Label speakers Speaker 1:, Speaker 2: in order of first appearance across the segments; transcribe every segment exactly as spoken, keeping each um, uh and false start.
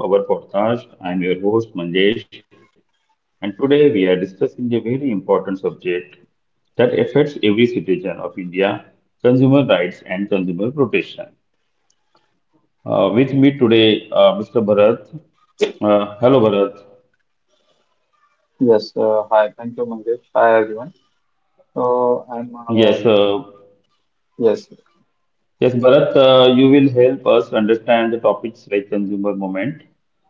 Speaker 1: welcome to our podcast. I am your host Manjesh, and today we are discussing a very important subject that affects every citizen of India, consumer rights and consumer protection. Uh, with me today, uh, mister Bharat. Uh, hello, Bharat.
Speaker 2: Yes, uh, hi. Thank you, Mangesh. Hi, everyone. So I'm
Speaker 1: Yes,
Speaker 2: uh,
Speaker 1: uh,
Speaker 2: yes,
Speaker 1: Yes, Bharat, uh, you will help us understand the topics like consumer movement,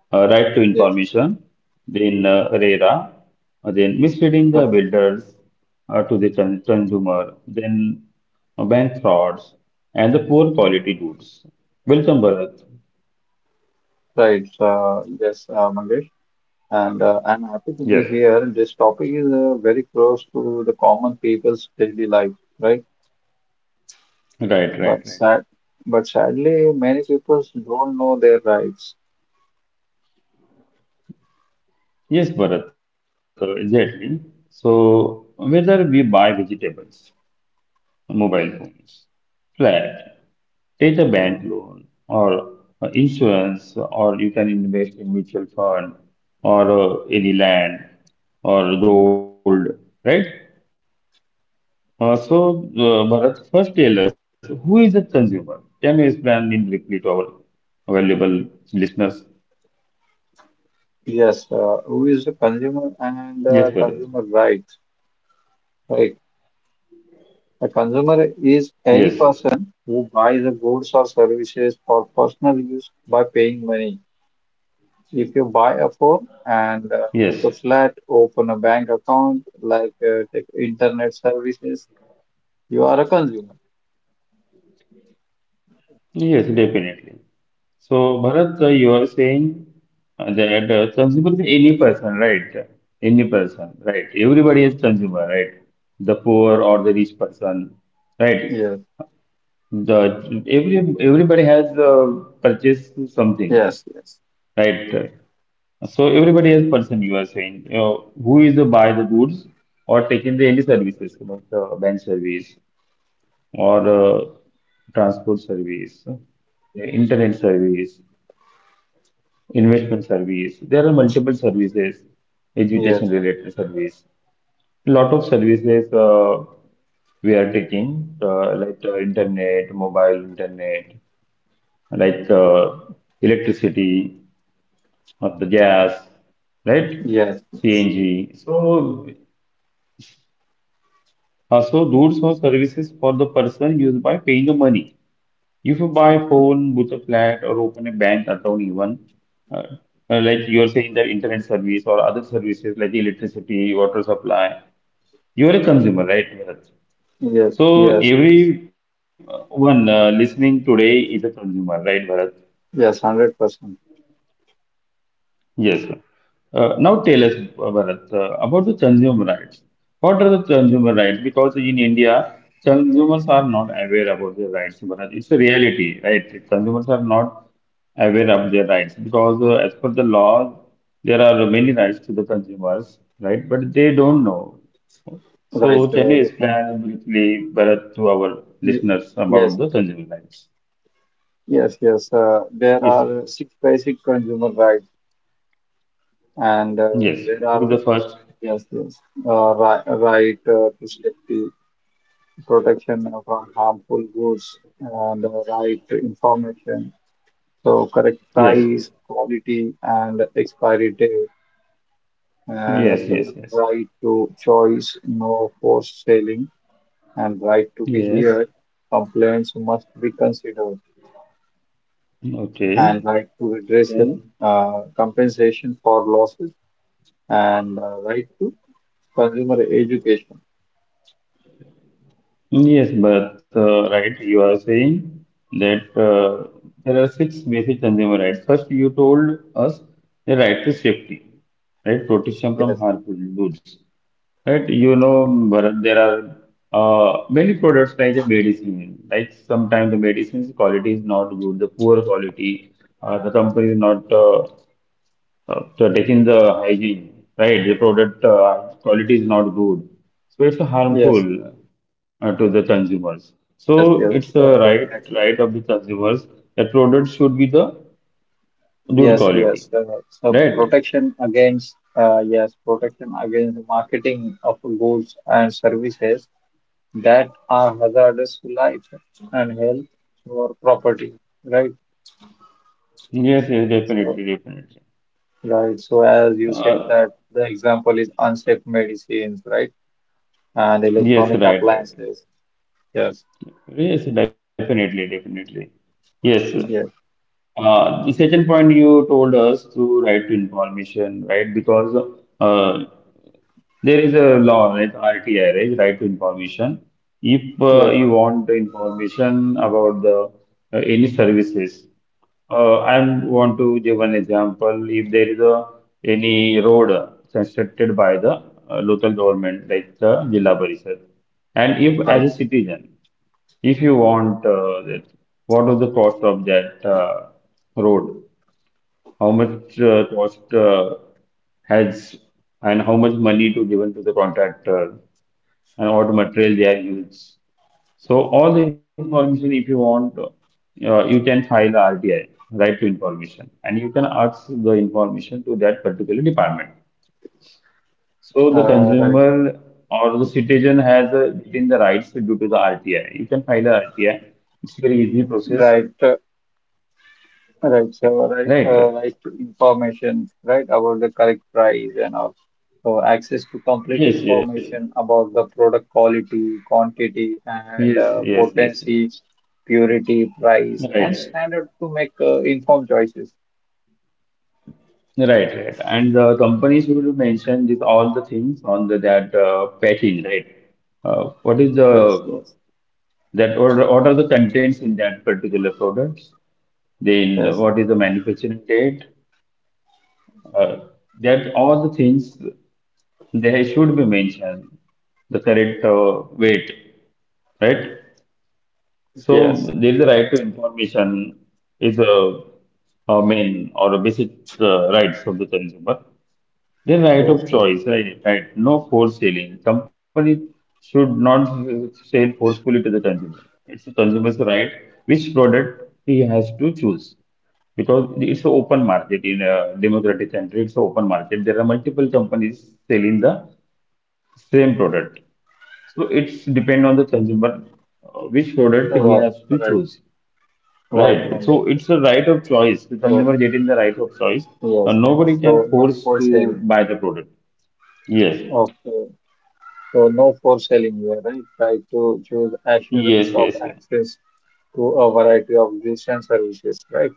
Speaker 1: uh, right to
Speaker 2: yes,
Speaker 1: information, then uh, RERA, uh, then misleading the
Speaker 2: right,
Speaker 1: builders uh, to the con- consumer, then uh, bank frauds, and the poor quality goods. Welcome, Bharat.
Speaker 2: right. Uh, yes, uh, Mangesh, and uh, I'm happy to be
Speaker 1: Yes,
Speaker 2: here. This topic is uh, very close to the common people's daily life, right? But
Speaker 1: right, right,
Speaker 2: sad,
Speaker 1: right.
Speaker 2: but sadly, many people don't know their rights.
Speaker 1: Yes, Bharat, uh, exactly. So, whether we buy vegetables, mobile phones, flat, take a bank loan or uh, insurance, or you can invest in mutual fund or uh, any land or gold, right? Uh, so, uh, Bharat, first tell us, who is a consumer? Can you explain in briefly to our valuable listeners?
Speaker 2: Yes, uh, who is the consumer and uh,
Speaker 1: Yes, Bharat.
Speaker 2: consumer rights, right? A consumer is any
Speaker 1: Yes,
Speaker 2: person who buys the goods or services for personal use by paying money. If you buy a phone and
Speaker 1: yes,
Speaker 2: uh, book a flat, open a bank account, like uh, take internet services, you are a consumer.
Speaker 1: yes, definitely. So, Bharat, uh, you are saying uh, that uh, consumer is any person, right? Any person, right? Everybody is consumer, right? The poor or the rich person, right?
Speaker 2: Yes,
Speaker 1: The every everybody has uh, purchased something,
Speaker 2: yes, yes,
Speaker 1: right? So everybody is person. You are saying, you know, who is the buy the goods or taking the any services, you know, the bank service or uh, transport service, the internet service, investment service. There are multiple services, education
Speaker 2: yes,
Speaker 1: related service, lot of services uh, we are taking uh, like uh, internet, mobile internet, like uh, electricity, or the gas, right?
Speaker 2: yes,
Speaker 1: C N G. So also those are services for the person used by paying the money. If you buy a phone, book a flat, or open a bank account, even uh, uh, like you are saying that internet service or other services like electricity, water supply, you are a consumer, right, Bharat?
Speaker 2: yes, yes,
Speaker 1: So
Speaker 2: yes, yes,
Speaker 1: every uh, one uh, listening today is a consumer, right, Bharat?
Speaker 2: yes, one hundred percent.
Speaker 1: Yes, ma'am. Uh, now tell us, uh, Bharat, uh, about the consumer rights. What are the consumer rights? Because in India, consumers are not aware about their rights, Bharat. It's a reality, right? Consumers are not aware of their rights because uh, as per the law, there are many rights to the consumers, right? But they don't know.
Speaker 2: Right,
Speaker 1: So can
Speaker 2: uh,
Speaker 1: you
Speaker 2: definitely.
Speaker 1: explain briefly, Bharat, to our
Speaker 2: You-
Speaker 1: listeners about
Speaker 2: Yes,
Speaker 1: the consumer rights?
Speaker 2: yes, yes. Uh, there
Speaker 1: Yes.
Speaker 2: are six basic consumer rights, and uh,
Speaker 1: Yes.
Speaker 2: there
Speaker 1: What
Speaker 2: are,
Speaker 1: is the first?
Speaker 2: yes, yes, uh, right, right uh, to safety. Protection from harmful goods and uh, right information. So correct
Speaker 1: Yes.
Speaker 2: price, quality, and expiry date. And
Speaker 1: Yes,
Speaker 2: after that,
Speaker 1: yes, yes.
Speaker 2: right to choice, no forced selling, and right to be
Speaker 1: Yes,
Speaker 2: heard. Complaints must be considered, and
Speaker 1: okay.
Speaker 2: right to redressal,
Speaker 1: Then,
Speaker 2: uh, compensation for losses, and uh, right to consumer education.
Speaker 1: yes, but uh, right, you are saying that uh, there are six basic consumer rights. First, you told us the right to safety, right, protection from
Speaker 2: Yes,
Speaker 1: harmful goods, right? You know, Bharat, there are uh, many products like the medicine, like sometimes the medicine's quality is not good, the poor quality, uh, the company is not uh, uh, so taking the hygiene, right? The product uh, quality is not good, so it's
Speaker 2: yes, yes,
Speaker 1: harmful uh, to the consumers.
Speaker 2: yes,
Speaker 1: So
Speaker 2: yes,
Speaker 1: it's the
Speaker 2: uh,
Speaker 1: right
Speaker 2: definitely.
Speaker 1: right of the consumers that product should be the good
Speaker 2: Yes,
Speaker 1: quality,
Speaker 2: yes. Uh, so
Speaker 1: right?
Speaker 2: protection against, uh, yes, protection against the marketing of goods and services that are hazardous to life and health or property, right?
Speaker 1: Yes, yes,
Speaker 2: So,
Speaker 1: definitely, definitely.
Speaker 2: right. So as you said,
Speaker 1: Uh,
Speaker 2: that the example is unsafe medicines, right? And electronic
Speaker 1: yes, right, right.
Speaker 2: appliances. Yes,
Speaker 1: Yes, definitely, definitely. Yes, sir.
Speaker 2: yes,
Speaker 1: Uh, the second point you told us to right to information, right? Because uh, there is a law, right? R T I, right? Right to information. If uh,
Speaker 2: yes.
Speaker 1: you want the information about the uh, any services, uh, I want to give an example. If there is a any road constructed by the uh, local government, like the Jilla Parishad, and if
Speaker 2: Right.
Speaker 1: as a citizen. If you want uh, that, what was the cost of that uh, road? How much uh, cost uh, has, and how much money to given to the contractor and what material they are used. So all the information, if you want, uh, you can file a R T I, right to information, and you can ask the information to that particular department. So the
Speaker 2: Uh,
Speaker 1: consumer or the citizen has uh, retained the rights due to the R T I. You can file a R T I. It's very easy process,
Speaker 2: right, right. Right, so right, uh,
Speaker 1: right?
Speaker 2: right to information, right, about the correct price and all. So access to complete
Speaker 1: Yes, yes,
Speaker 2: information about the product quality, quantity, and
Speaker 1: yes,
Speaker 2: uh,
Speaker 1: yes, yes.
Speaker 2: potency, purity, price, and
Speaker 1: Right,
Speaker 2: standard to make uh, informed choices.
Speaker 1: right, right. And the company should mention this all the things on the that uh, package, right? Uh, what is
Speaker 2: Yes,
Speaker 1: the
Speaker 2: yes,
Speaker 1: that, or what are the contents in that particular products? Then
Speaker 2: yes,
Speaker 1: what is the manufacturing date? uh, that all the things they should be mentioned, the correct uh, weight, right? So
Speaker 2: yes,
Speaker 1: there is a right to information is a, a main or a basic uh, rights of the consumer, the right of
Speaker 2: yes, yes.
Speaker 1: choice, right? Right. No force selling. Company should not sell forcefully to the consumer. It's the consumer's right which product he has to choose, because it's an open market in a democratic country. It's an open market. There are multiple companies selling the same product. So it's depend on the consumer uh, which product he has
Speaker 2: Right,
Speaker 1: to choose,
Speaker 2: right,
Speaker 1: right?
Speaker 2: right,
Speaker 1: So it's
Speaker 2: Mangesh.
Speaker 1: a right of choice. The consumer
Speaker 2: So
Speaker 1: getting the right of choice. Uh,
Speaker 2: yes,
Speaker 1: nobody
Speaker 2: yes.
Speaker 1: can
Speaker 2: so
Speaker 1: force
Speaker 2: no for
Speaker 1: to buy
Speaker 2: selling.
Speaker 1: the product. Yes,
Speaker 2: Okay, so no for selling here, right? Try to choose
Speaker 1: yes,
Speaker 2: assurance
Speaker 1: yes,
Speaker 2: of
Speaker 1: yes,
Speaker 2: access to a variety of goods and services, right?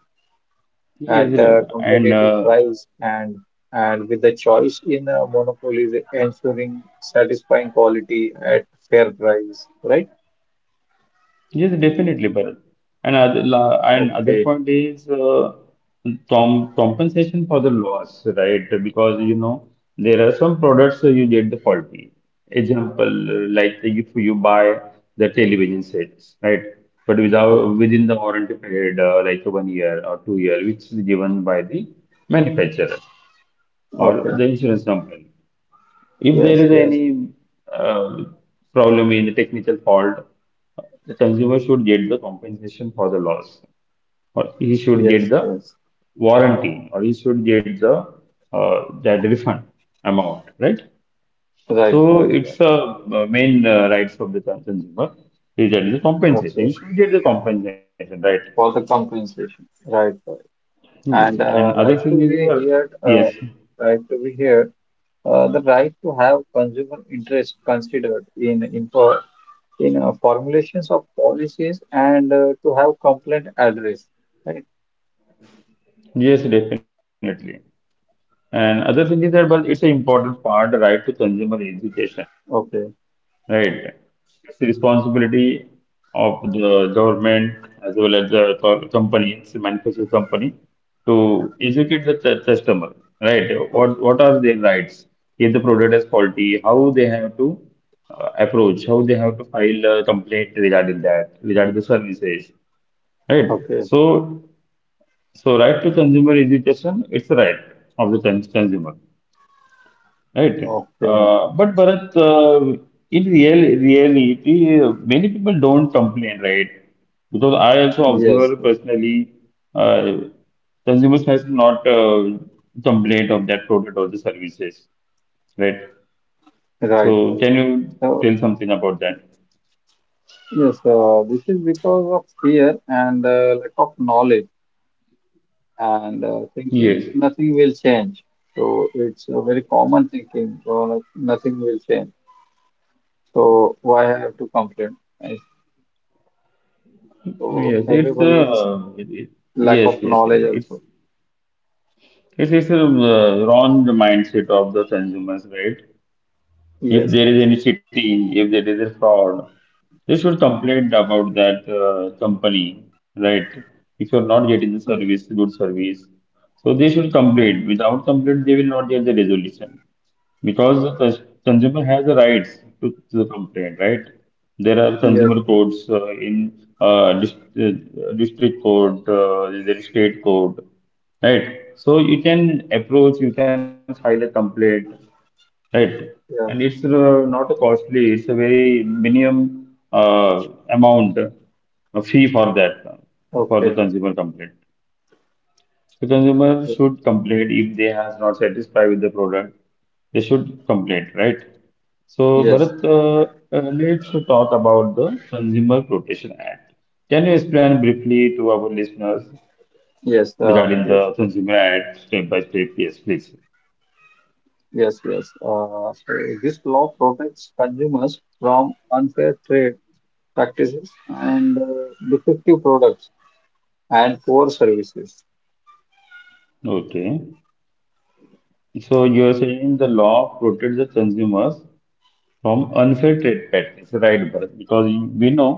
Speaker 1: yes,
Speaker 2: At
Speaker 1: Ravi.
Speaker 2: a
Speaker 1: And
Speaker 2: competitive
Speaker 1: uh,
Speaker 2: price and and with the choice in a monopoly, the ensuring satisfying quality at fair price, right?
Speaker 1: yes, definitely, Bharat. And other, la- and other
Speaker 2: Okay,
Speaker 1: point is uh, com compensation for the loss, right? Because you know there are some products uh, you get the faulty. Example, uh, like if you buy the television sets, right? But without
Speaker 2: okay,
Speaker 1: within the warranty period, uh, like one year or two year, which is given by the manufacturer or
Speaker 2: okay.
Speaker 1: the insurance company. If there
Speaker 2: Yes,
Speaker 1: is
Speaker 2: yes,
Speaker 1: any uh, problem in the technical fault, the consumer should get the compensation for the loss, or he should
Speaker 2: yes,
Speaker 1: get the
Speaker 2: yes.
Speaker 1: warranty, or he should get the uh, that refund amount, right?
Speaker 2: Right,
Speaker 1: So
Speaker 2: right, right.
Speaker 1: it's a uh, main uh, rights of the con- consumer is that the compensation.
Speaker 2: Okay.
Speaker 1: You should get the compensation, right?
Speaker 2: For the compensation. Right, right.
Speaker 1: Yes.
Speaker 2: And
Speaker 1: And
Speaker 2: uh,
Speaker 1: other
Speaker 2: right
Speaker 1: thing
Speaker 2: to
Speaker 1: is
Speaker 2: be
Speaker 1: uh,
Speaker 2: here,
Speaker 1: yes,
Speaker 2: uh, right to be here. Uh, the right to have consumer interest considered in in in uh, formulations of policies and uh, to have complaint address, right?
Speaker 1: yes, definitely. And other thing is that, but it's an important part, the right to consumer education,
Speaker 2: Okay,
Speaker 1: right? It's the responsibility of the government as well as the co- companies, the manufacturing company, to educate the cu- customer, right?
Speaker 2: o-
Speaker 1: What what are their rights? If the product is faulty, how they have to uh, approach, how they have to file a complaint regarding that, regarding the services, right?
Speaker 2: okay,
Speaker 1: So, so right to consumer education, it's a right of the con- consumer. Right.
Speaker 2: okay.
Speaker 1: Uh, but Bharat, uh, in real reality, uh, many people don't complain, right? Because I also
Speaker 2: Yes,
Speaker 1: observe personally, uh, consumers has not uh, complained of that product or the services, right?
Speaker 2: right, right.
Speaker 1: So can you
Speaker 2: So
Speaker 1: tell something about that?
Speaker 2: yes, uh, this is because of fear and uh, lack of knowledge and uh, thinking
Speaker 1: Yes,
Speaker 2: nothing will change. So it's a very common thinking. So like, nothing will change. So why I have to complain? Right? So
Speaker 1: yes, it's
Speaker 2: everybody is
Speaker 1: uh, it, it-
Speaker 2: lack
Speaker 1: yes,
Speaker 2: of
Speaker 1: yes, yes,
Speaker 2: knowledge
Speaker 1: it's
Speaker 2: also.
Speaker 1: it's it's a uh, wrong mindset of the consumers, right? If
Speaker 2: Yes,
Speaker 1: there is
Speaker 2: yes,
Speaker 1: any cheating, if there is a fraud, they should complain about that uh, company, right? If you're not getting the
Speaker 2: yes,
Speaker 1: service, good service. So they should complain. Without complaint, they will not get the resolution. Because the cus- consumer has the rights to, to the complaint, right? There are consumer
Speaker 2: yes.
Speaker 1: courts uh, in uh, dist uh, district court, uh, there is state court, right? So you can approach, you can file a complaint. Right. And
Speaker 2: yes.
Speaker 1: it's uh, not costly, it's a very minimum uh, amount, a fee for that, for the
Speaker 2: Okay.
Speaker 1: consumer complaint. So consumer should complain if they has not satisfied with the product, they should complain, right? So
Speaker 2: Yes,
Speaker 1: Bharat, uh, uh, let's talk about the Consumer Protection Act. Can you explain briefly to our listeners
Speaker 2: yes, uh,
Speaker 1: regarding
Speaker 2: Mangesh.
Speaker 1: the Consumer Act step by step? Yes, please.
Speaker 2: Yes, yes. Uh, so this law protects consumers from unfair trade practices and uh, defective products and poor services.
Speaker 1: Okay. So you're saying the law protects the consumers from unfair trade practice, right, Bharat? Because you- we know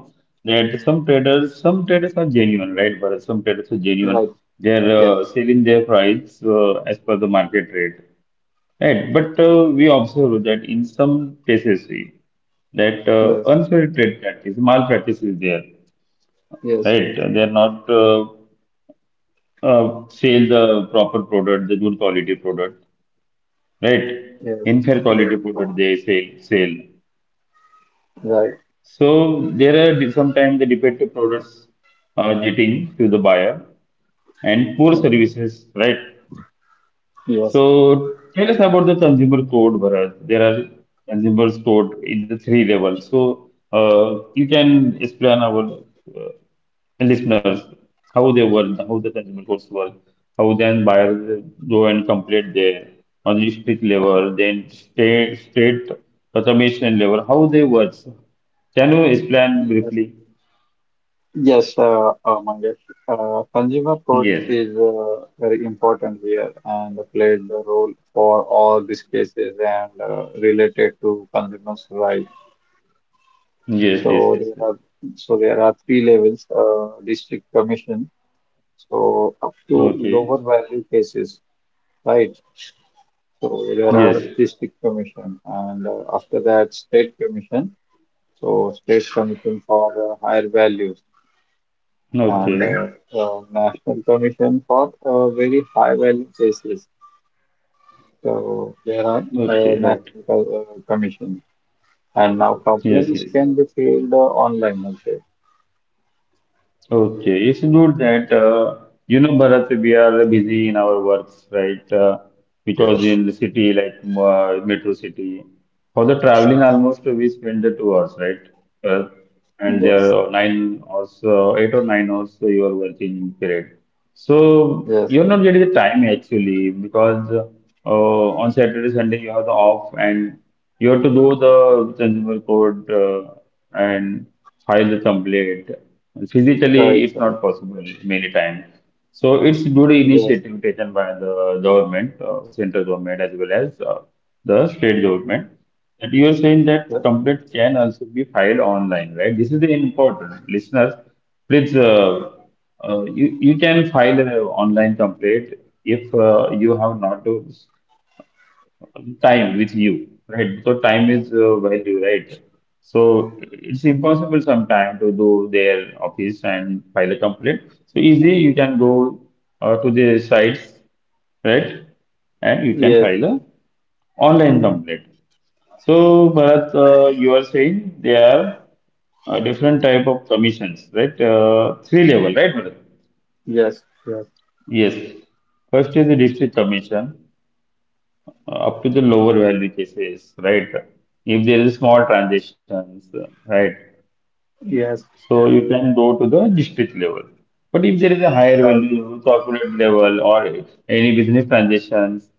Speaker 1: that some traders, some traders are genuine, right, Bharat? Some traders are genuine.
Speaker 2: Right.
Speaker 1: They're
Speaker 2: Yes,
Speaker 1: uh, selling their price uh, as per the market rate, right? But uh, we observe that in some cases, we, that uh,
Speaker 2: yes,
Speaker 1: unfair trade practice, malpractice is there,
Speaker 2: yes,
Speaker 1: right?
Speaker 2: yes,
Speaker 1: They're not uh, uh, sell the proper product, the good quality product. Right.
Speaker 2: yes,
Speaker 1: Inferior
Speaker 2: yes,
Speaker 1: quality product they sell sell.
Speaker 2: right.
Speaker 1: So there are sometimes the defective products are getting to the buyer and poor
Speaker 2: Yes,
Speaker 1: services, right?
Speaker 2: yes,
Speaker 1: So tell us about the consumer code, Bharat. There are consumers code in the three levels. So uh, you can explain our uh, listeners how they were, how the consumer courts were, how then buyers go and complete their on the district level, then state state automation level, how they work. Can you explain
Speaker 2: yes,
Speaker 1: briefly?
Speaker 2: yes, uh, uh, Mangesh. Uh, consumer court
Speaker 1: Yes.
Speaker 2: is uh, very important here and played the role for all these cases and uh, related to consumers' rights.
Speaker 1: Yes, yes,
Speaker 2: So
Speaker 1: yes,
Speaker 2: there
Speaker 1: yes.
Speaker 2: are so there are three levels, uh, district commission. So up to lower
Speaker 1: Okay.
Speaker 2: value cases, right? So there are
Speaker 1: Yes.
Speaker 2: district commission, and uh, after that state commission. So state commission for uh, higher values, and
Speaker 1: Okay.
Speaker 2: uh, uh, national commission for uh, very high value cases. So there are uh,
Speaker 1: Okay, right.
Speaker 2: national co- uh, commission, and now
Speaker 1: Yes,
Speaker 2: complaints
Speaker 1: yes.
Speaker 2: can be filed uh, online also.
Speaker 1: Okay, it's good that uh, you know, Bharat, we are busy in our works, right? Uh, because
Speaker 2: Yes.
Speaker 1: in the city like uh, metro city, for the traveling almost we spend the two hours, right? Uh, and there
Speaker 2: Yes.
Speaker 1: are nine hours, uh, eight or nine hours uh, you are working period. So
Speaker 2: Yes,
Speaker 1: you're
Speaker 2: yes.
Speaker 1: not getting the time actually because uh, on Saturday, Sunday you have the off and you have to do the consumer code uh, and file the complaint.
Speaker 2: Right,
Speaker 1: Physically, it's
Speaker 2: right.
Speaker 1: not possible many times. So it's good
Speaker 2: Yes,
Speaker 1: initiative taken by the government, uh, central government as well as uh, the state government. That you are saying that
Speaker 2: right.
Speaker 1: complaint can also be filed online, right? This is the important listeners. Please, uh, uh, you you can file an online complaint if uh, you have not to time with you, right? So time is uh, value, right? So it's impossible sometime to do their office and file a complaint. So easy, you can go uh, to the sites, right? And you can
Speaker 2: yes,
Speaker 1: file a online complaint. So Bharat, uh, you are saying there are uh, different type of commissions, right? Uh, three level, right, Bharat?
Speaker 2: yes, yes,
Speaker 1: Yes. First is the district commission, uh, up to the lower value cases, right? If there is small transactions, uh, right?
Speaker 2: yes,
Speaker 1: So you can go to the district level. But if there is a higher
Speaker 2: right.
Speaker 1: value, corporate level, or any business transactions,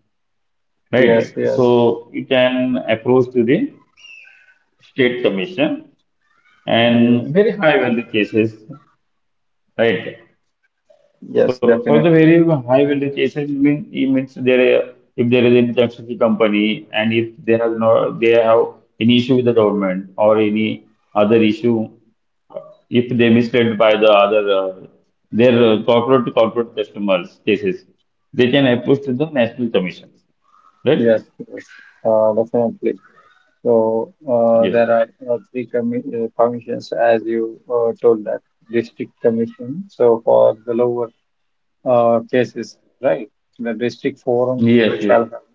Speaker 1: right?
Speaker 2: Yes, yes,
Speaker 1: So you can approach to the state commission
Speaker 2: yes,
Speaker 1: and very high value cases. Right.
Speaker 2: yes,
Speaker 1: So for the
Speaker 2: definitely.
Speaker 1: very high value cases, it means it means there uh, if there is any toxicity company and if they have no they have any issue with the government or any other issue, if they misled by the other uh, their uh, corporate to corporate customers cases, they can approach to the National Commission. Right?
Speaker 2: Yes, yes, uh, definitely. So uh, there
Speaker 1: Yes.
Speaker 2: are uh, three commi uh, commissions, as you uh, told, that district commission. So for the lower uh, cases, right? The district forums uh,
Speaker 1: Yes.
Speaker 2: shall
Speaker 1: Yes.
Speaker 2: have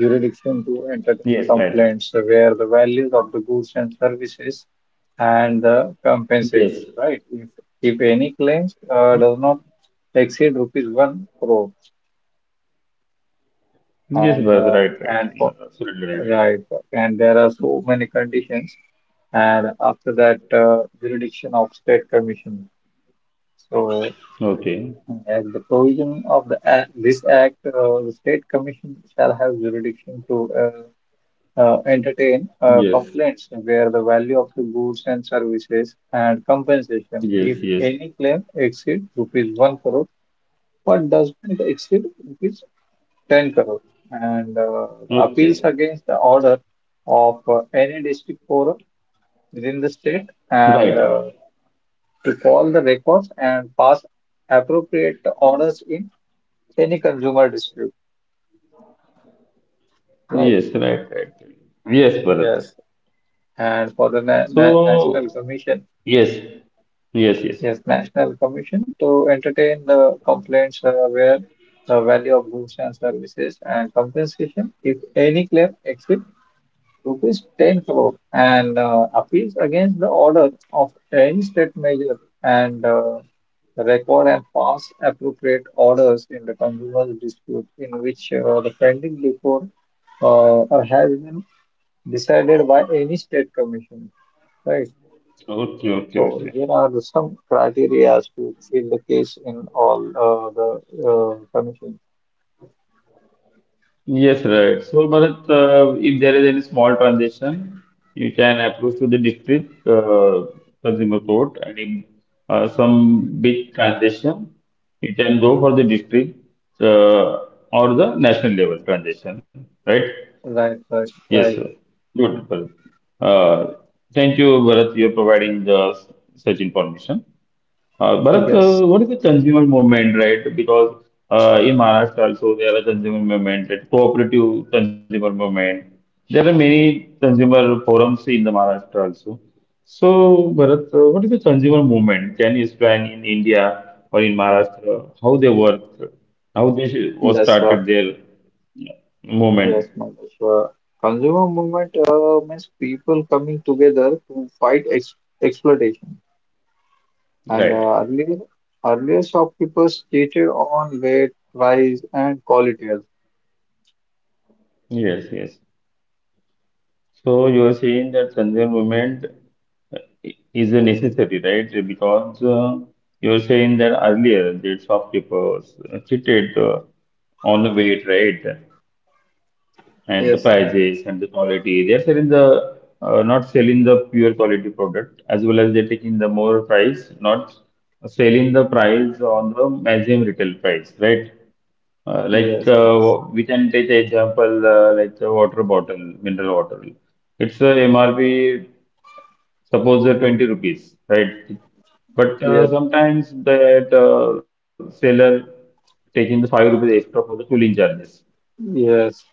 Speaker 2: jurisdiction to entertain
Speaker 1: Yes. Right.
Speaker 2: complaints where the values of the goods and services and the compensation,
Speaker 1: Yes.
Speaker 2: right? If, if any claims uh, does not exceed rupees one crore
Speaker 1: Yes,
Speaker 2: and
Speaker 1: Bharat.
Speaker 2: uh,
Speaker 1: Right.
Speaker 2: and for
Speaker 1: Right. Absolutely right.
Speaker 2: right and there are so many conditions, and after that uh, jurisdiction of state commission. So
Speaker 1: Okay.
Speaker 2: And As the provision of the act, this act, uh, the state commission shall have jurisdiction to uh, uh, entertain uh,
Speaker 1: Yes.
Speaker 2: complaints where the value of the goods and services and compensation, if
Speaker 1: Yes. Yes.
Speaker 2: any claim exceeds rupees one crore, but does not exceed rupees ten crore, and uh, the appeals
Speaker 1: Okay,
Speaker 2: against the order of uh, any district forum within the state, and
Speaker 1: right.
Speaker 2: uh, to call the records and pass appropriate orders in any consumer dispute, right?
Speaker 1: Yes, right, right, right. Yes, Bharat.
Speaker 2: Yes. And for the na na National
Speaker 1: So,
Speaker 2: Commission,
Speaker 1: yes, yes, yes.
Speaker 2: yes, National Commission to entertain the complaints uh, where the value of goods and services and compensation, if any claim exceeds rupees ten crore, and uh, appeals against the order of any state measure and uh, record and pass appropriate orders in the consumer dispute in which uh, the pending before uh, or has been decided by any state commission, right?
Speaker 1: Okay, okay,
Speaker 2: So
Speaker 1: okay.
Speaker 2: here are the some criteria to fill the case in all uh, the uh, commissions.
Speaker 1: Yes, right. So, Bharat, uh, if there is any small transaction, you can approach to the district uh, consumer court, and if uh, some big transaction, you can go for the district uh, or the national level transaction, right?
Speaker 2: Right, right,
Speaker 1: Yes, sir.
Speaker 2: right.
Speaker 1: Good, Bharat. Uh, thank you, Bharat. You're providing the s- such information. Uh, Bharat,
Speaker 2: Yes,
Speaker 1: uh, what is the consumer movement, right? Because uh, in Maharashtra also there are consumer movement, that cooperative consumer movement. There are many consumer forums in the Maharashtra also. So, Bharat, uh, what is the consumer movement? Can you explain in India or in Maharashtra how they work, how they sh- was
Speaker 2: yes, uh,
Speaker 1: started their uh,
Speaker 2: yes,
Speaker 1: movement,
Speaker 2: Mangesh. Uh, consumer movement uh, means people coming together to fight ex exploitation. And
Speaker 1: right?
Speaker 2: uh, earlier, earlier shopkeepers cheated on weight, price, and quality.
Speaker 1: Yes, yes. So you are saying that Sunday movement uh, is a necessary, right? Because uh, you are saying that earlier the shopkeepers cheated uh, on the weight, right? And the
Speaker 2: Yes,
Speaker 1: prices and the quality. They are selling the uh, not selling the pure quality product as well as they're taking the more price, not selling the price on the maximum retail price, right? Uh, like
Speaker 2: yes, yes,
Speaker 1: uh, we can take example uh, like the water bottle, mineral water. It's a M R P suppose uh, twenty rupees, right? But uh,
Speaker 2: yes,
Speaker 1: sometimes that uh, seller taking the five rupees extra for the cooling charges,
Speaker 2: yes.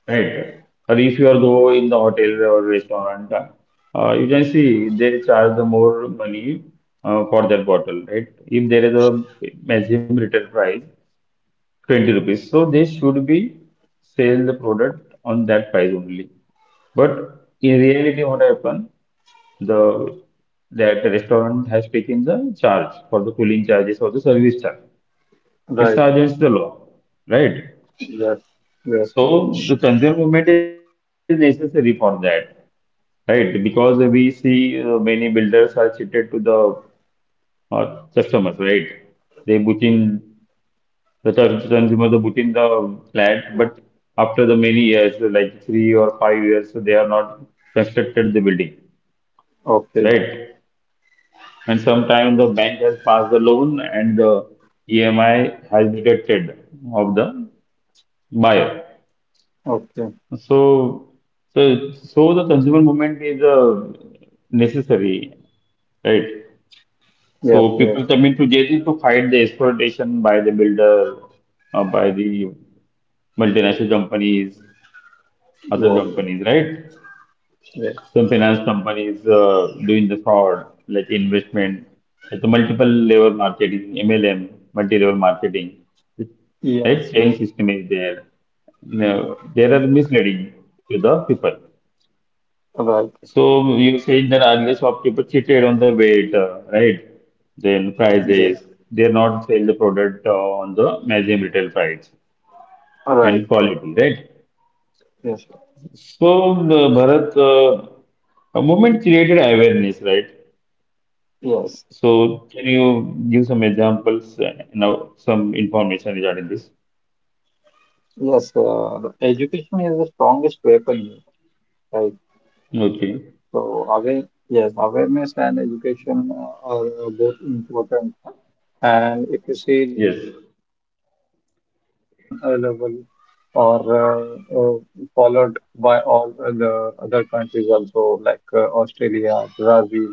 Speaker 1: right? Or if you are go in the hotel or restaurant, uh, you can see they charge the more money uh, for that bottle, right? If there is a maximum retail price, twenty rupees. So they should be sell the product on that price only. But in reality, what happened? The that restaurant has taken the charge for the cooling charges or the service charge. It's
Speaker 2: Right,
Speaker 1: against the law, right?
Speaker 2: yes. Yes, yes.
Speaker 1: So the consumer movement is necessary for that, right? Because we see uh, many builders are cheated to the uh, customers, right? They put in the cons- consumer the put in the flat, but after the many years, like three or five years, so they are not constructed the building,
Speaker 2: Okay,
Speaker 1: right? And sometimes the bank has passed the loan and the E M I has deducted of the buyer.
Speaker 2: okay.
Speaker 1: So, so, so the consumer movement is uh, necessary, right?
Speaker 2: Yes,
Speaker 1: So
Speaker 2: yes,
Speaker 1: people coming to J D to fight the exploitation by the builder, uh, by the multinational companies, other
Speaker 2: yes,
Speaker 1: companies, right?
Speaker 2: yes,
Speaker 1: Some finance companies uh, doing the fraud, like investment. It's a multiple level marketing, M L M, multi-level marketing. Right?
Speaker 2: yes,
Speaker 1: Chain
Speaker 2: yes,
Speaker 1: system is there. No, they
Speaker 2: yes.
Speaker 1: are misleading to the people.
Speaker 2: Right,
Speaker 1: So you saying that unless shopkeeper cheated on the weight, uh, right? Then
Speaker 2: yes,
Speaker 1: prices, they are not sell the product uh, on the maximum retail price
Speaker 2: right,
Speaker 1: and quality, right?
Speaker 2: yes,
Speaker 1: So, the Bharat, uh, a movement created awareness, right?
Speaker 2: yes,
Speaker 1: So, can you give some examples and now some information regarding this?
Speaker 2: yes. Uh, the education is the strongest weapon here, right?
Speaker 1: Okay.
Speaker 2: So, aware, yes, awareness and education uh, are uh, both important. And if you see the
Speaker 1: Yes.
Speaker 2: consumer laws uh, can uh, level or uh, uh, followed by all the other countries also, like uh, Australia, Brazil,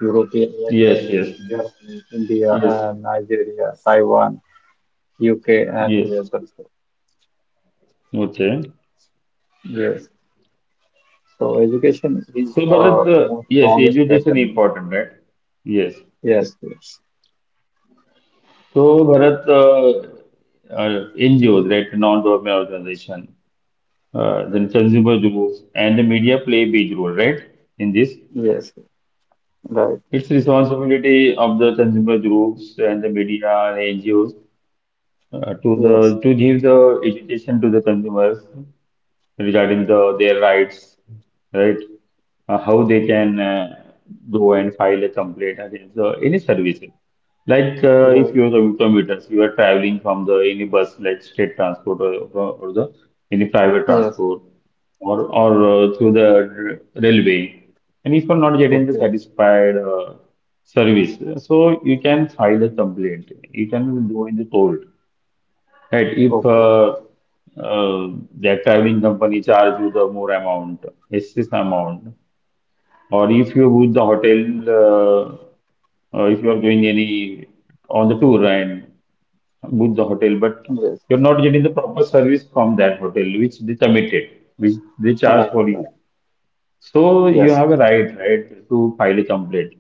Speaker 2: European
Speaker 1: Yes.
Speaker 2: Union,
Speaker 1: Yes.
Speaker 2: Germany, India,
Speaker 1: Yes.
Speaker 2: and Nigeria, Taiwan, U K, and
Speaker 1: Yes.
Speaker 2: U S also.
Speaker 1: Okay.
Speaker 2: Yes. So education
Speaker 1: So,
Speaker 2: is
Speaker 1: Bharat,
Speaker 2: uh,
Speaker 1: uh,
Speaker 2: most
Speaker 1: yes,
Speaker 2: strongest
Speaker 1: education
Speaker 2: weapon.
Speaker 1: important, right? Yes.
Speaker 2: Yes, yes,
Speaker 1: So, Bharat, uh, uh, N G Os, right, non-government organization, uh, then consumer groups, and the media play a big role, right, in this?
Speaker 2: yes, right,
Speaker 1: It's responsibility of the consumer groups and the media and N G Os uh, to the to
Speaker 2: yes,
Speaker 1: give the education to the consumers regarding the their rights, right? Uh, how they can uh, go and file a complaint against the, any services. Like uh, if
Speaker 2: right,
Speaker 1: you are a commuters, you are traveling from the any bus, like state transport or, or or the any private
Speaker 2: yes,
Speaker 1: transport, or or uh, through the r- railway, and if you are not getting the
Speaker 2: okay,
Speaker 1: satisfied uh, service, so you can file a complaint. You can go in the court. Right. If
Speaker 2: okay,
Speaker 1: uh, uh, that traveling company charge you the more amount, excess amount, or if you book the hotel, uh, uh, if you are doing any on the tour and book the hotel, but
Speaker 2: yes,
Speaker 1: you're
Speaker 2: yes,
Speaker 1: not getting the proper service from that hotel which they committed, which they charge
Speaker 2: right,
Speaker 1: for you.
Speaker 2: right,
Speaker 1: So you
Speaker 2: yes,
Speaker 1: have a right, right, to file a complaint.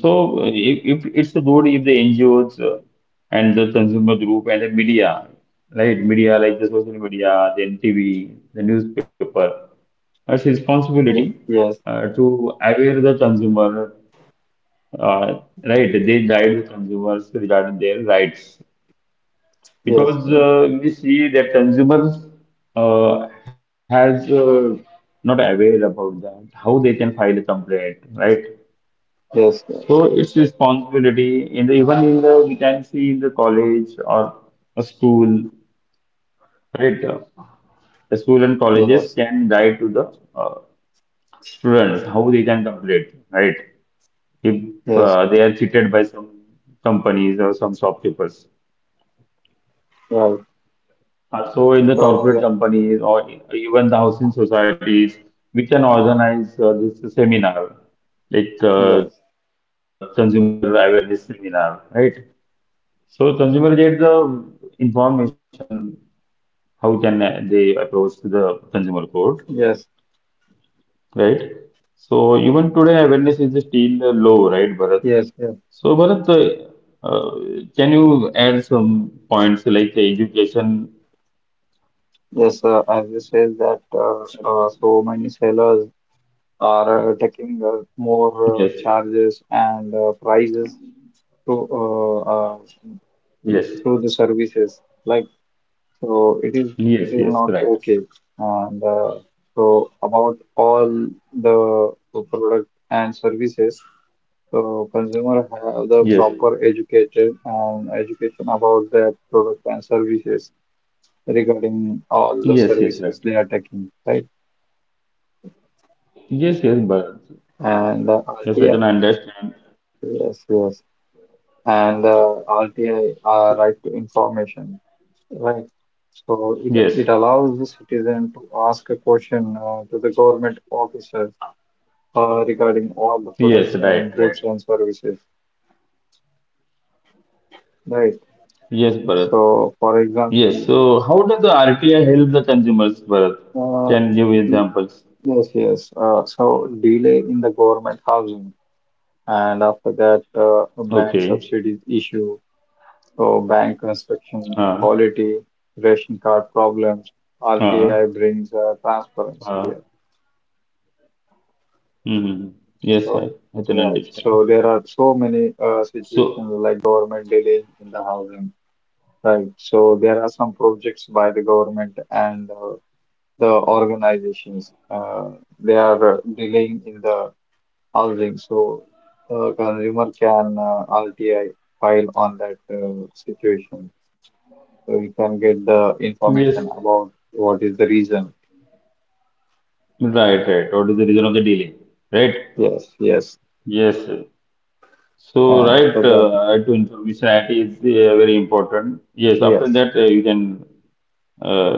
Speaker 1: So, uh, if, if it's good if the N G Os uh, and the consumer group and the media, right? Media like the social media, the N T V, the newspaper, it's responsibility
Speaker 2: yes, yes,
Speaker 1: uh, to aware the consumer, uh, right? They guide the consumers regarding their rights
Speaker 2: yes,
Speaker 1: because
Speaker 2: yes,
Speaker 1: uh, we see that consumers uh, has uh, not aware about that how they can file a complaint, right?
Speaker 2: yes,
Speaker 1: So it's responsibility in the, even in the we can see in the college or a school, right? Uh, The school and colleges
Speaker 2: yes,
Speaker 1: can guide to the uh, students how they can complete, right? If
Speaker 2: yes,
Speaker 1: uh,
Speaker 2: yes,
Speaker 1: they are cheated by some companies or some shopkeepers.
Speaker 2: right.
Speaker 1: Uh, So in the
Speaker 2: So,
Speaker 1: corporate
Speaker 2: yeah,
Speaker 1: companies or even the housing societies, we can organize uh, this seminar, like
Speaker 2: yes,
Speaker 1: uh, consumer awareness seminar, right? So consumer get the information how can uh, they approach to the consumer court,
Speaker 2: yes,
Speaker 1: right? So even today awareness is still uh, low, right, Bharat?
Speaker 2: yes, yes.
Speaker 1: So Bharat, uh, uh, can you add some points like education?
Speaker 2: Yes, uh, as you said that uh, uh, so many sellers are uh, taking uh, more uh,
Speaker 1: Yes,
Speaker 2: charges and uh, prices to uh, uh,
Speaker 1: yes,
Speaker 2: through the services, like so it is it is
Speaker 1: yes,
Speaker 2: not
Speaker 1: yes, right.
Speaker 2: okay, and uh, so about all the uh, product and services, so consumer have the
Speaker 1: Yes,
Speaker 2: proper educated and education about their product and services regarding all the services
Speaker 1: yes,
Speaker 2: they
Speaker 1: yes,
Speaker 2: are
Speaker 1: right.
Speaker 2: taking, right?
Speaker 1: Yes, yes, Bharat.
Speaker 2: and uh, yeah
Speaker 1: Yes, I can understand.
Speaker 2: yes yes and uh, R T I, uh, right to information, right? So it it
Speaker 1: Yes,
Speaker 2: allows the citizen to ask a question uh, to the government officers uh, regarding all the
Speaker 1: yes,
Speaker 2: products
Speaker 1: right,
Speaker 2: and
Speaker 1: right.
Speaker 2: goods and services, right?
Speaker 1: Yes, Bharat.
Speaker 2: So for
Speaker 1: Yes,
Speaker 2: example,
Speaker 1: so how does the R T I help the consumers, Bharat?
Speaker 2: uh,
Speaker 1: Can you give
Speaker 2: y-
Speaker 1: examples?
Speaker 2: yes, yes. Uh, so delay in the government housing, and after that, uh, a bank
Speaker 1: Okay.
Speaker 2: subsidies issue. So bank inspection,
Speaker 1: Ah,
Speaker 2: quality, ration card problems,
Speaker 1: ah,
Speaker 2: R T I brings uh, transparency
Speaker 1: ah.
Speaker 2: here.
Speaker 1: Mm, yes, I,
Speaker 2: So,
Speaker 1: I can
Speaker 2: right.
Speaker 1: understand.
Speaker 2: So there are so many uh,
Speaker 1: So,
Speaker 2: situations, like government delaying in the housing, right? So there are some projects by the government and uh, the organizations. Uh, they are uh, delaying in the housing, so uh, consumer can uh, R T I file on that uh, situation, so we can get the
Speaker 1: yes,
Speaker 2: information about what is the reason.
Speaker 1: right, right. What is the reason of the delay? Right?
Speaker 2: Yes, yes.
Speaker 1: Yes, sir. So,
Speaker 2: And
Speaker 1: right,
Speaker 2: after that,
Speaker 1: uh, right to information I T is uh, very important. Yes, after
Speaker 2: yes,
Speaker 1: that, uh, you can, uh,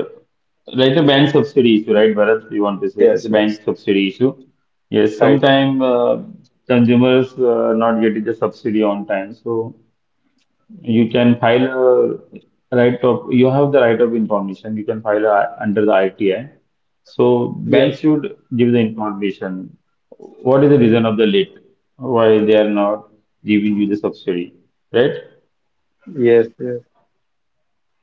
Speaker 1: like the bank subsidy issue, right, Bharat? You want to say
Speaker 2: yes,
Speaker 1: the
Speaker 2: yes.
Speaker 1: bank subsidy issue. Yes,
Speaker 2: Right.
Speaker 1: sometime uh, consumers uh, not getting the subsidy on time. So, you can file a right of, you have the right of information. You can file a, under the I T I. So bank
Speaker 2: Yes,
Speaker 1: should give the information. What is the reason of the late? Why they are not giving you the subsidy, right?
Speaker 2: yes, yes,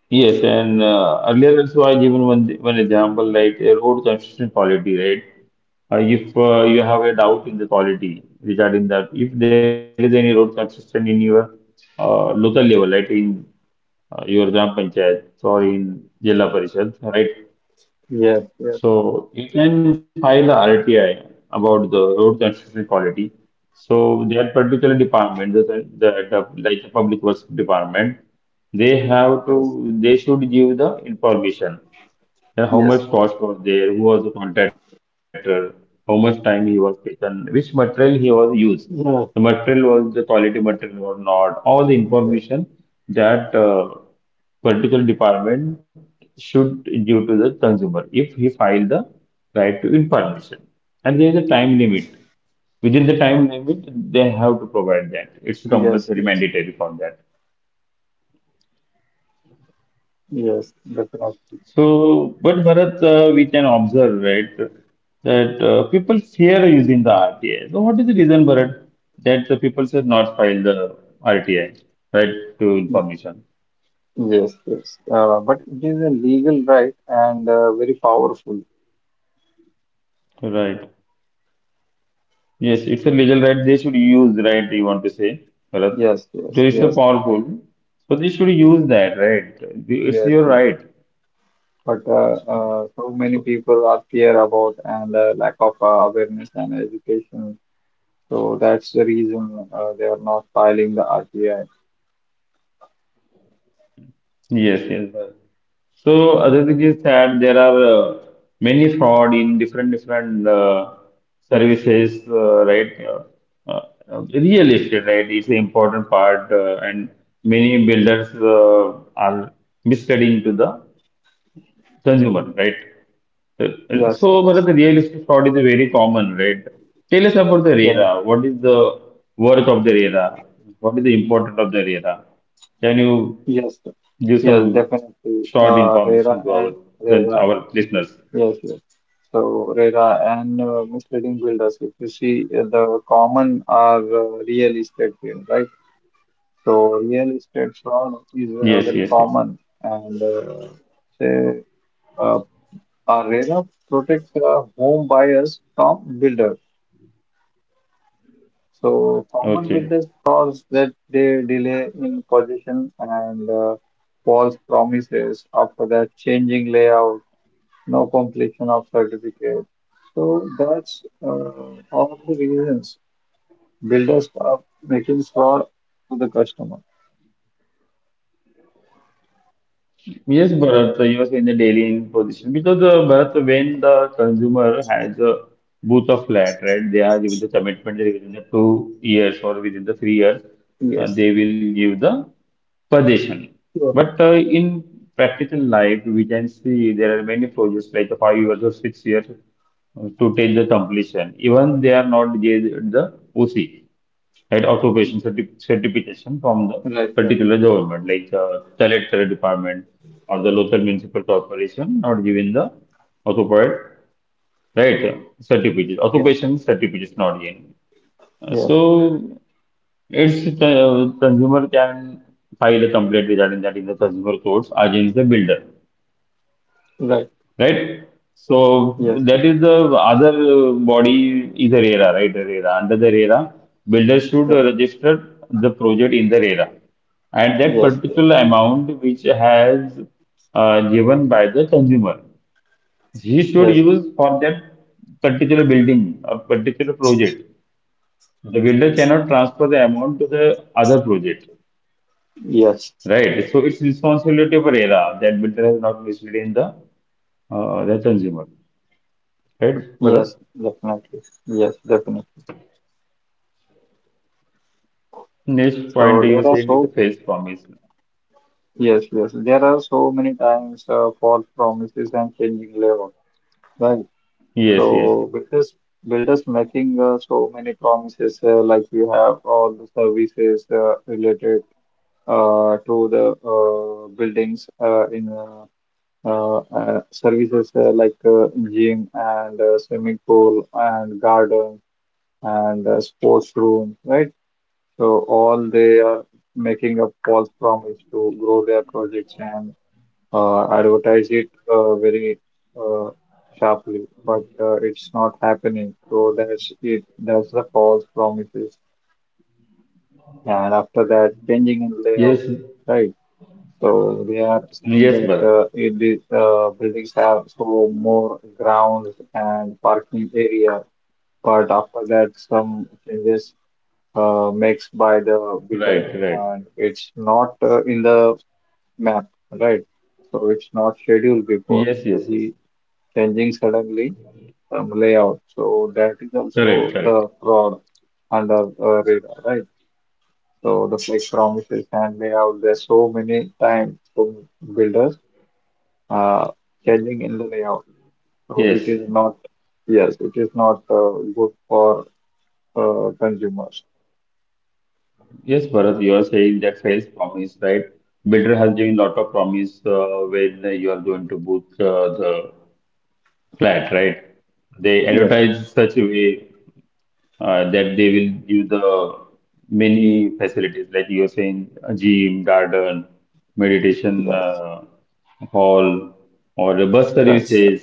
Speaker 1: Yes, and uh, earlier also I given one one example like a road construction quality, right? Uh, if uh, you have a doubt in the quality regarding that, if there is any road construction in your uh, local level, right, in uh, your Gram Panchayat or in Jilla Parishad, right?
Speaker 2: yes, yes,
Speaker 1: So you can file a R T I about the road construction quality. So that particular department, the, the, the like the public works department, they have
Speaker 2: yes,
Speaker 1: to they should give the information. Then how much
Speaker 2: yes,
Speaker 1: cost was there? Who was the contractor? How much time he was taken? Which material he was used? The
Speaker 2: yeah.
Speaker 1: material was the quality material or not? All the information that uh, particular department should give to the consumer if he filed the right to information. And there is a time limit. Within the time limit, they have to provide that. It's
Speaker 2: yes,
Speaker 1: compulsory,
Speaker 2: yes,
Speaker 1: mandatory for that.
Speaker 2: yes, definitely.
Speaker 1: So, but Bharat, uh, we can observe, right, that uh, people fear using the R T I. So, what is the reason, Bharat, that the people should not file the R T I, right, to
Speaker 2: Y-
Speaker 1: information?
Speaker 2: Yes, yes. Uh, but it is a legal right and uh, very powerful.
Speaker 1: Right. Yes, it's a legal right. They should use, right, you want to say, Bharat.
Speaker 2: Yes,
Speaker 1: So,
Speaker 2: yes,
Speaker 1: it's a
Speaker 2: yes,
Speaker 1: powerful. So, they should use that, right? It's
Speaker 2: yes,
Speaker 1: your
Speaker 2: yes.
Speaker 1: right.
Speaker 2: But uh, uh, so many
Speaker 1: So,
Speaker 2: people are fear about, and uh, lack of uh, awareness and education. So that's the reason uh, they are not filing the R B I.
Speaker 1: yes, yes, but- so other thing is that there are uh, many fraud in different different uh, services, uh, right? Uh, uh, uh, real estate, right? It's an important part, uh, and many builders uh, are misleading to the consumer, right? Uh, uh,
Speaker 2: Yes,
Speaker 1: So, Bharat,
Speaker 2: yes,
Speaker 1: the real estate fraud is a very common, right? Tell us about the
Speaker 2: yes,
Speaker 1: RERA. What is the worth of the RERA? What is the importance of the RERA? Can you
Speaker 2: yes,
Speaker 1: give
Speaker 2: yes,
Speaker 1: some short
Speaker 2: definitely.
Speaker 1: information
Speaker 2: Uh,
Speaker 1: to our
Speaker 2: RERA and
Speaker 1: then our
Speaker 2: RERA,
Speaker 1: listeners?
Speaker 2: yes, yes. So RERA and uh, misleading builders. If you see uh, the common are uh, real estate field, right? So real
Speaker 1: Yes,
Speaker 2: estate
Speaker 1: yes, yes.
Speaker 2: fraud is uh, very common, and uh, say uh, our RERA protects uh, home buyers from builders.
Speaker 1: Okay.
Speaker 2: So common builders cause that they delay in position and uh, false promises. After that, changing layout, no completion of certificate. So that's uh, all the reasons builders are making fraud to the customer.
Speaker 1: Yes, Bharat, you were saying the daily in position because uh, Bharat, when the consumer has a booth of flat, right? They are given the commitment that within the two years or within the three years, uh,
Speaker 2: Yes.
Speaker 1: they will give the possession.
Speaker 2: Sure.
Speaker 1: But uh, in practical life, we can see there are many projects like the five years or six years uh, to take the completion. Even they are not get the O C. Right, occupation certi- certification from the
Speaker 2: Right, right.
Speaker 1: particular government, like the collector department or the local municipal corporation, not given the occupied, right, uh, certificate,
Speaker 2: Yes,
Speaker 1: occupation certificate is not given. Uh,
Speaker 2: yes,
Speaker 1: So, it's uh, consumer can file a complaint regarding that in the consumer courts against the builder,
Speaker 2: right.
Speaker 1: right? So
Speaker 2: Yes,
Speaker 1: that is the other uh, body is a RERA, right? RERA. Under the RERA, builder should register the project in the RERA. And that
Speaker 2: yes, yes,
Speaker 1: particular amount which has uh, given by the consumer, he should
Speaker 2: yes,
Speaker 1: use for that particular building or particular project. The builder cannot transfer the amount to the other project,
Speaker 2: yes,
Speaker 1: right? So it's responsibility of RERA that builder has not misled in the uh, the consumer, right,
Speaker 2: yes,
Speaker 1: brother?
Speaker 2: yes, definitely. Yes, definitely.
Speaker 1: Next point
Speaker 2: So
Speaker 1: you
Speaker 2: there are
Speaker 1: saying is the
Speaker 2: so
Speaker 1: false promise.
Speaker 2: Yes, yes. There are so many times uh, false promises and changing layout, right?
Speaker 1: Yes, yes,
Speaker 2: So builders, builders making uh, so many promises, uh, like you have all the services uh, related uh, to the uh, buildings uh, in uh, uh, uh, services, uh, like uh, gym and uh, swimming pool and garden and uh, sports room, right? So all they are making a false promise to grow their projects, and uh, advertise it uh, very uh, sharply, but uh, it's not happening. So that's it. That's the false promises. And after that, changing
Speaker 1: yes,
Speaker 2: in layout, right? So they are
Speaker 1: yes,
Speaker 2: saying
Speaker 1: Bharat.
Speaker 2: that uh, it, is- uh, buildings have so more grounds and parking area, but after that, some changes uh, makes by the
Speaker 1: Right,
Speaker 2: builder,
Speaker 1: right.
Speaker 2: and it's not uh, in the map, right? So it's not scheduled
Speaker 1: Yes,
Speaker 2: before.
Speaker 1: yes, yes.
Speaker 2: So he. Changing suddenly um, layout. So that is also
Speaker 1: Correct, correct.
Speaker 2: the fraud under uh, radar, right? So the fake promises and layout, there's so many times for builders uh, changing in the layout. So it
Speaker 1: Yes,
Speaker 2: is not, yes, it is not uh, good for uh, consumers.
Speaker 1: yes, Bharat, you are saying that false promise, right? Builder has given lot of promise uh, when you are going to book uh, the flat, right? They
Speaker 2: Yes,
Speaker 1: advertise such a way. uh, that they will give the many facilities like you are saying a gym, garden, meditation
Speaker 2: yes,
Speaker 1: uh, hall or the bus
Speaker 2: right, right,
Speaker 1: services,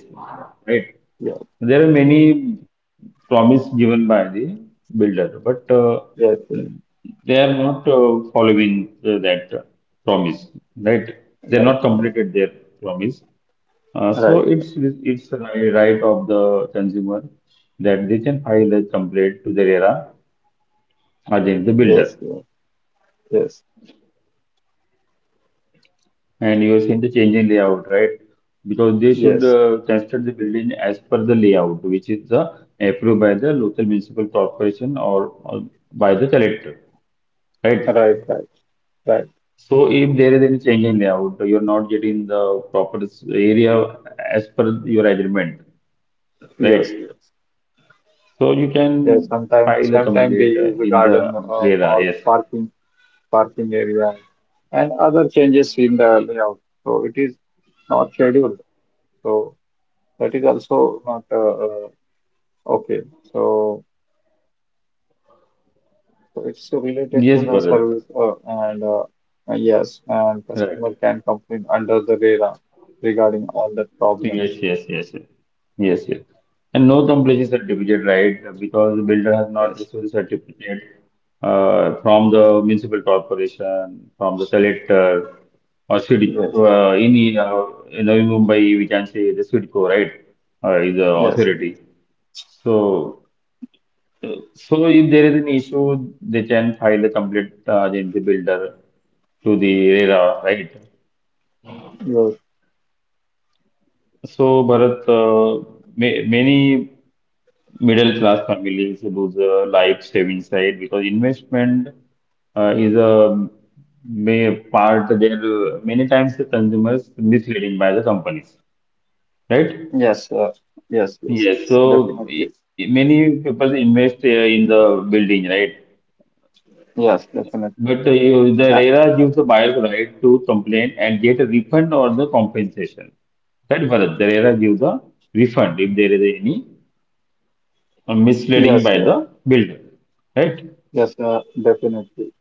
Speaker 1: right?
Speaker 2: yes,
Speaker 1: There are many promise given by the builder but uh,
Speaker 2: yes, yes,
Speaker 1: they are not uh, following uh, that uh, promise, right? They are not
Speaker 2: right,
Speaker 1: completed their promise. Uh, so
Speaker 2: right, right,
Speaker 1: it's it's a right of the consumer that they can file a complaint to their era against the
Speaker 2: yes,
Speaker 1: builder.
Speaker 2: yes, yes,
Speaker 1: And you are seeing the change in layout, right? Because they should
Speaker 2: yes,
Speaker 1: uh, construct the building as per the layout, which is uh, approved by the local municipal corporation or, or by the collector, right?
Speaker 2: right, right, right,
Speaker 1: So if there is any change in layout, you are not getting the proper s- area as per your agreement,
Speaker 2: yes,
Speaker 1: right?
Speaker 2: yes.
Speaker 1: So you
Speaker 2: Yeah,
Speaker 1: can
Speaker 2: sometimes
Speaker 1: file a
Speaker 2: sometimes they
Speaker 1: complaint uh,
Speaker 2: use the
Speaker 1: in
Speaker 2: garden
Speaker 1: the
Speaker 2: uh,
Speaker 1: RERA.
Speaker 2: for
Speaker 1: Yes,
Speaker 2: parking parking area and other changes in the layout. So it is not scheduled. So that is also not uh, uh, okay. So, so it's related to
Speaker 1: yes,
Speaker 2: the service,
Speaker 1: Bharat.
Speaker 2: uh, and uh, uh, yes, and customer
Speaker 1: Right.
Speaker 2: can complain under the radar regarding all the
Speaker 1: Yes,
Speaker 2: problems.
Speaker 1: yes, yes, yes, yes. Yes. And no completion certificate, right? Because the builder has not
Speaker 2: Yes,
Speaker 1: received the certificate uh, from the municipal corporation, from the collector or city.
Speaker 2: yes,
Speaker 1: Uh, in uh, in Navi Mumbai, we can say the CIDCO, right? Uh, is the
Speaker 2: yes, yes,
Speaker 1: authority. So So if there is an issue, they can file a complete uh, agility builder to the RERA, right?
Speaker 2: yes,
Speaker 1: So Bharat, uh, ma- many middle class families lose a life savings side because investment uh, is a may part there uh, many times the consumers misleading by the companies, right?
Speaker 2: yes, uh, yes, yes, yes,
Speaker 1: Yes,
Speaker 2: definitely.
Speaker 1: so many people invest uh, in the building, right?
Speaker 2: Yes, definitely.
Speaker 1: But uh, you- the
Speaker 2: Uh,
Speaker 1: RERA gives the buyer the right to complain and get a refund or the compensation. That Bharat, the RERA gives the refund if there is any uh, misleading
Speaker 2: yes,
Speaker 1: by
Speaker 2: yes.
Speaker 1: the builder, right?
Speaker 2: Yes, uh, Definitely.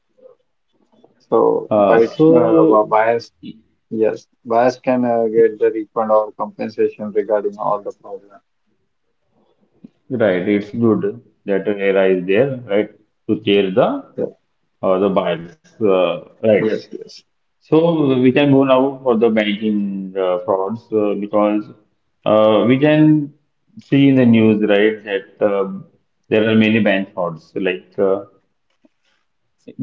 Speaker 2: So
Speaker 1: Uh,
Speaker 2: bias, uh,
Speaker 1: so,
Speaker 2: wa- bias, yes, bias can uh, get the refund or compensation regarding all the problem.
Speaker 1: right, it's good that RERA is there, right, to care the
Speaker 2: Yeah.
Speaker 1: uh, the buyer's uh, rights.
Speaker 2: Yes, yes,
Speaker 1: So we can go now for the banking uh, frauds uh, because uh, we can see in the news, right, that uh, there are many bank frauds. Like uh,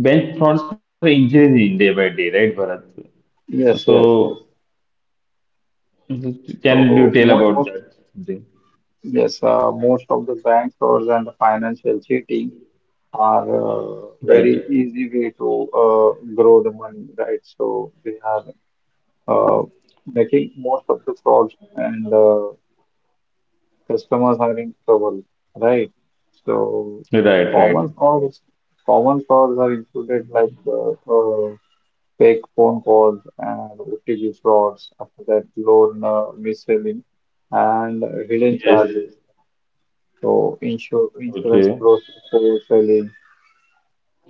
Speaker 1: bank frauds are increasing day by day, right, Bharat?
Speaker 2: yes, yes,
Speaker 1: So
Speaker 2: yes.
Speaker 1: can you
Speaker 2: So
Speaker 1: tell
Speaker 2: mo
Speaker 1: about
Speaker 2: most,
Speaker 1: that something?
Speaker 2: yes, uh, most of the bank frauds and the financial cheating are uh,
Speaker 1: Right,
Speaker 2: very easy way to uh, grow the money, right? So they are uh, making most of the frauds, and uh, customers having trouble, right? So
Speaker 1: right, right.
Speaker 2: common frauds, common frauds are included, like uh, uh, fake phone calls and O T P frauds. After that, loan uh, mis-selling and hidden
Speaker 1: Yes.
Speaker 2: charges. So insur insurance
Speaker 1: Okay.
Speaker 2: process selling.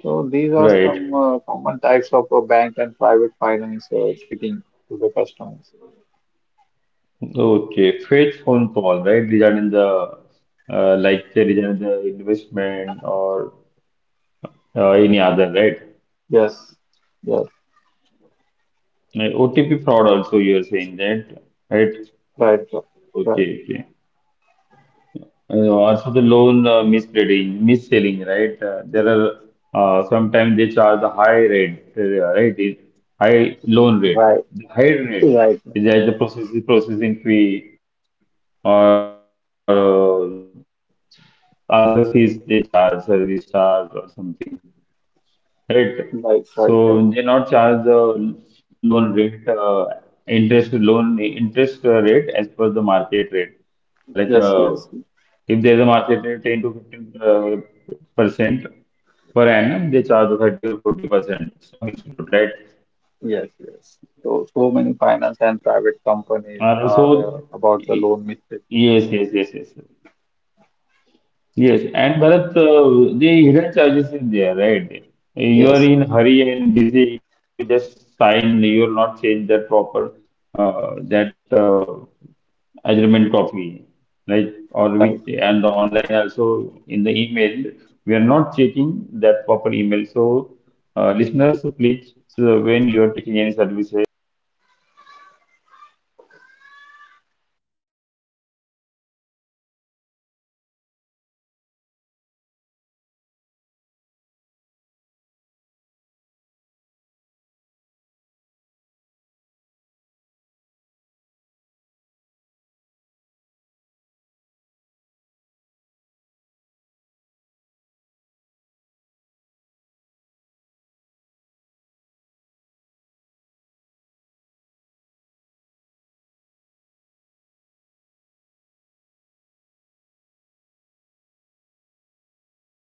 Speaker 2: So these are
Speaker 1: Right.
Speaker 2: some uh, common types of uh, bank and private finance uh, cheating to the customers.
Speaker 1: Okay. Fake phone call, right, regarding the uh, like the regarding the investment or. Uh, any other, right?
Speaker 2: Yes, yes,
Speaker 1: Uh, O T P fraud also you are saying that, right?
Speaker 2: right, right,
Speaker 1: Okay, okay. Uh, also the loan uh, misleading, mis-selling, right? Uh, there are uh, sometimes they charge a high rate, uh, right? It, high loan rate,
Speaker 2: right,
Speaker 1: the high rate
Speaker 2: right,
Speaker 1: is either processing processing fee or uh, other fees they charge, service charge or something. Correct.
Speaker 2: right, right. right.
Speaker 1: So they not charge the loan rate, uh, interest loan interest uh, rate as per the market rate. Uh, Like
Speaker 2: Yes,
Speaker 1: uh,
Speaker 2: yes,
Speaker 1: if there is a market rate ten to fifteen uh, percent per annum, they charge thirty or forty percent. Some institute, right?
Speaker 2: yes, yes. So, so many finance and private companies
Speaker 1: Are
Speaker 2: are uh,
Speaker 1: also,
Speaker 2: about the loan
Speaker 1: yes,
Speaker 2: mistake.
Speaker 1: yes, yes, yes. Yes. Yes, and Bharat, uh, the hidden charges is there, right?
Speaker 2: Yes,
Speaker 1: You are in hurry and busy. You just sign. You will not change that proper uh, that uh, agreement copy, right? Or we
Speaker 2: right.
Speaker 1: and the online also in the email we are not checking that proper email. So uh, listeners, please uh, when you are taking any services like the loan or any investment, check read that carefully. Take the time for that. Take carefully what are the terms and conditions is there. So it's very small uh, letters it's written, right? So you should take care about that before the invest investment or before the taking loan. You have to inquiry in other companies also in other competitive companies, right? Bharat, hello. So insurance for selling.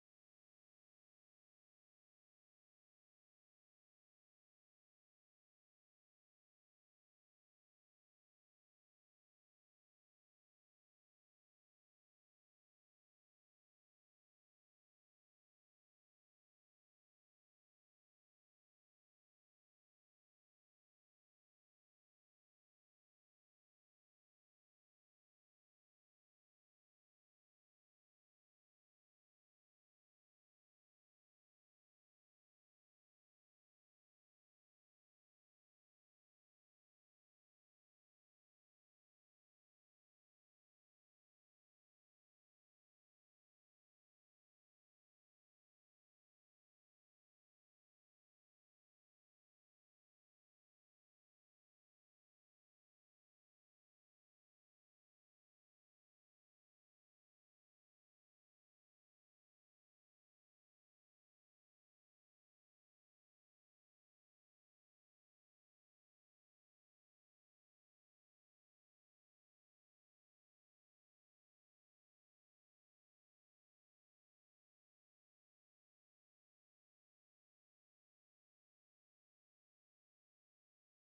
Speaker 1: Sometimes they sell uh, insurance online, right, for School Bharat. Uh, so Bharat bank must protect the consumer, right? But consumer must also be alert regarding that, right? So online shopping has increased problem, right, Bharat? Uh, so sometimes they get the fake products, sometimes the no return policy, wrong item delivery. So what should consumer do regarding that? Because uh, but uh, always keep the bills screenshot and complain officially, right? They should keep the bills and the screenshot because if there is an issue, they can file a complaint. So listeners, awareness is powerful. Don't stay silent. Use your rights, question unfairness, right? So friends, consumer protection is not a just a law; it is a responsibility. Thank you, Bharat, for this powerful discussion. Thank you.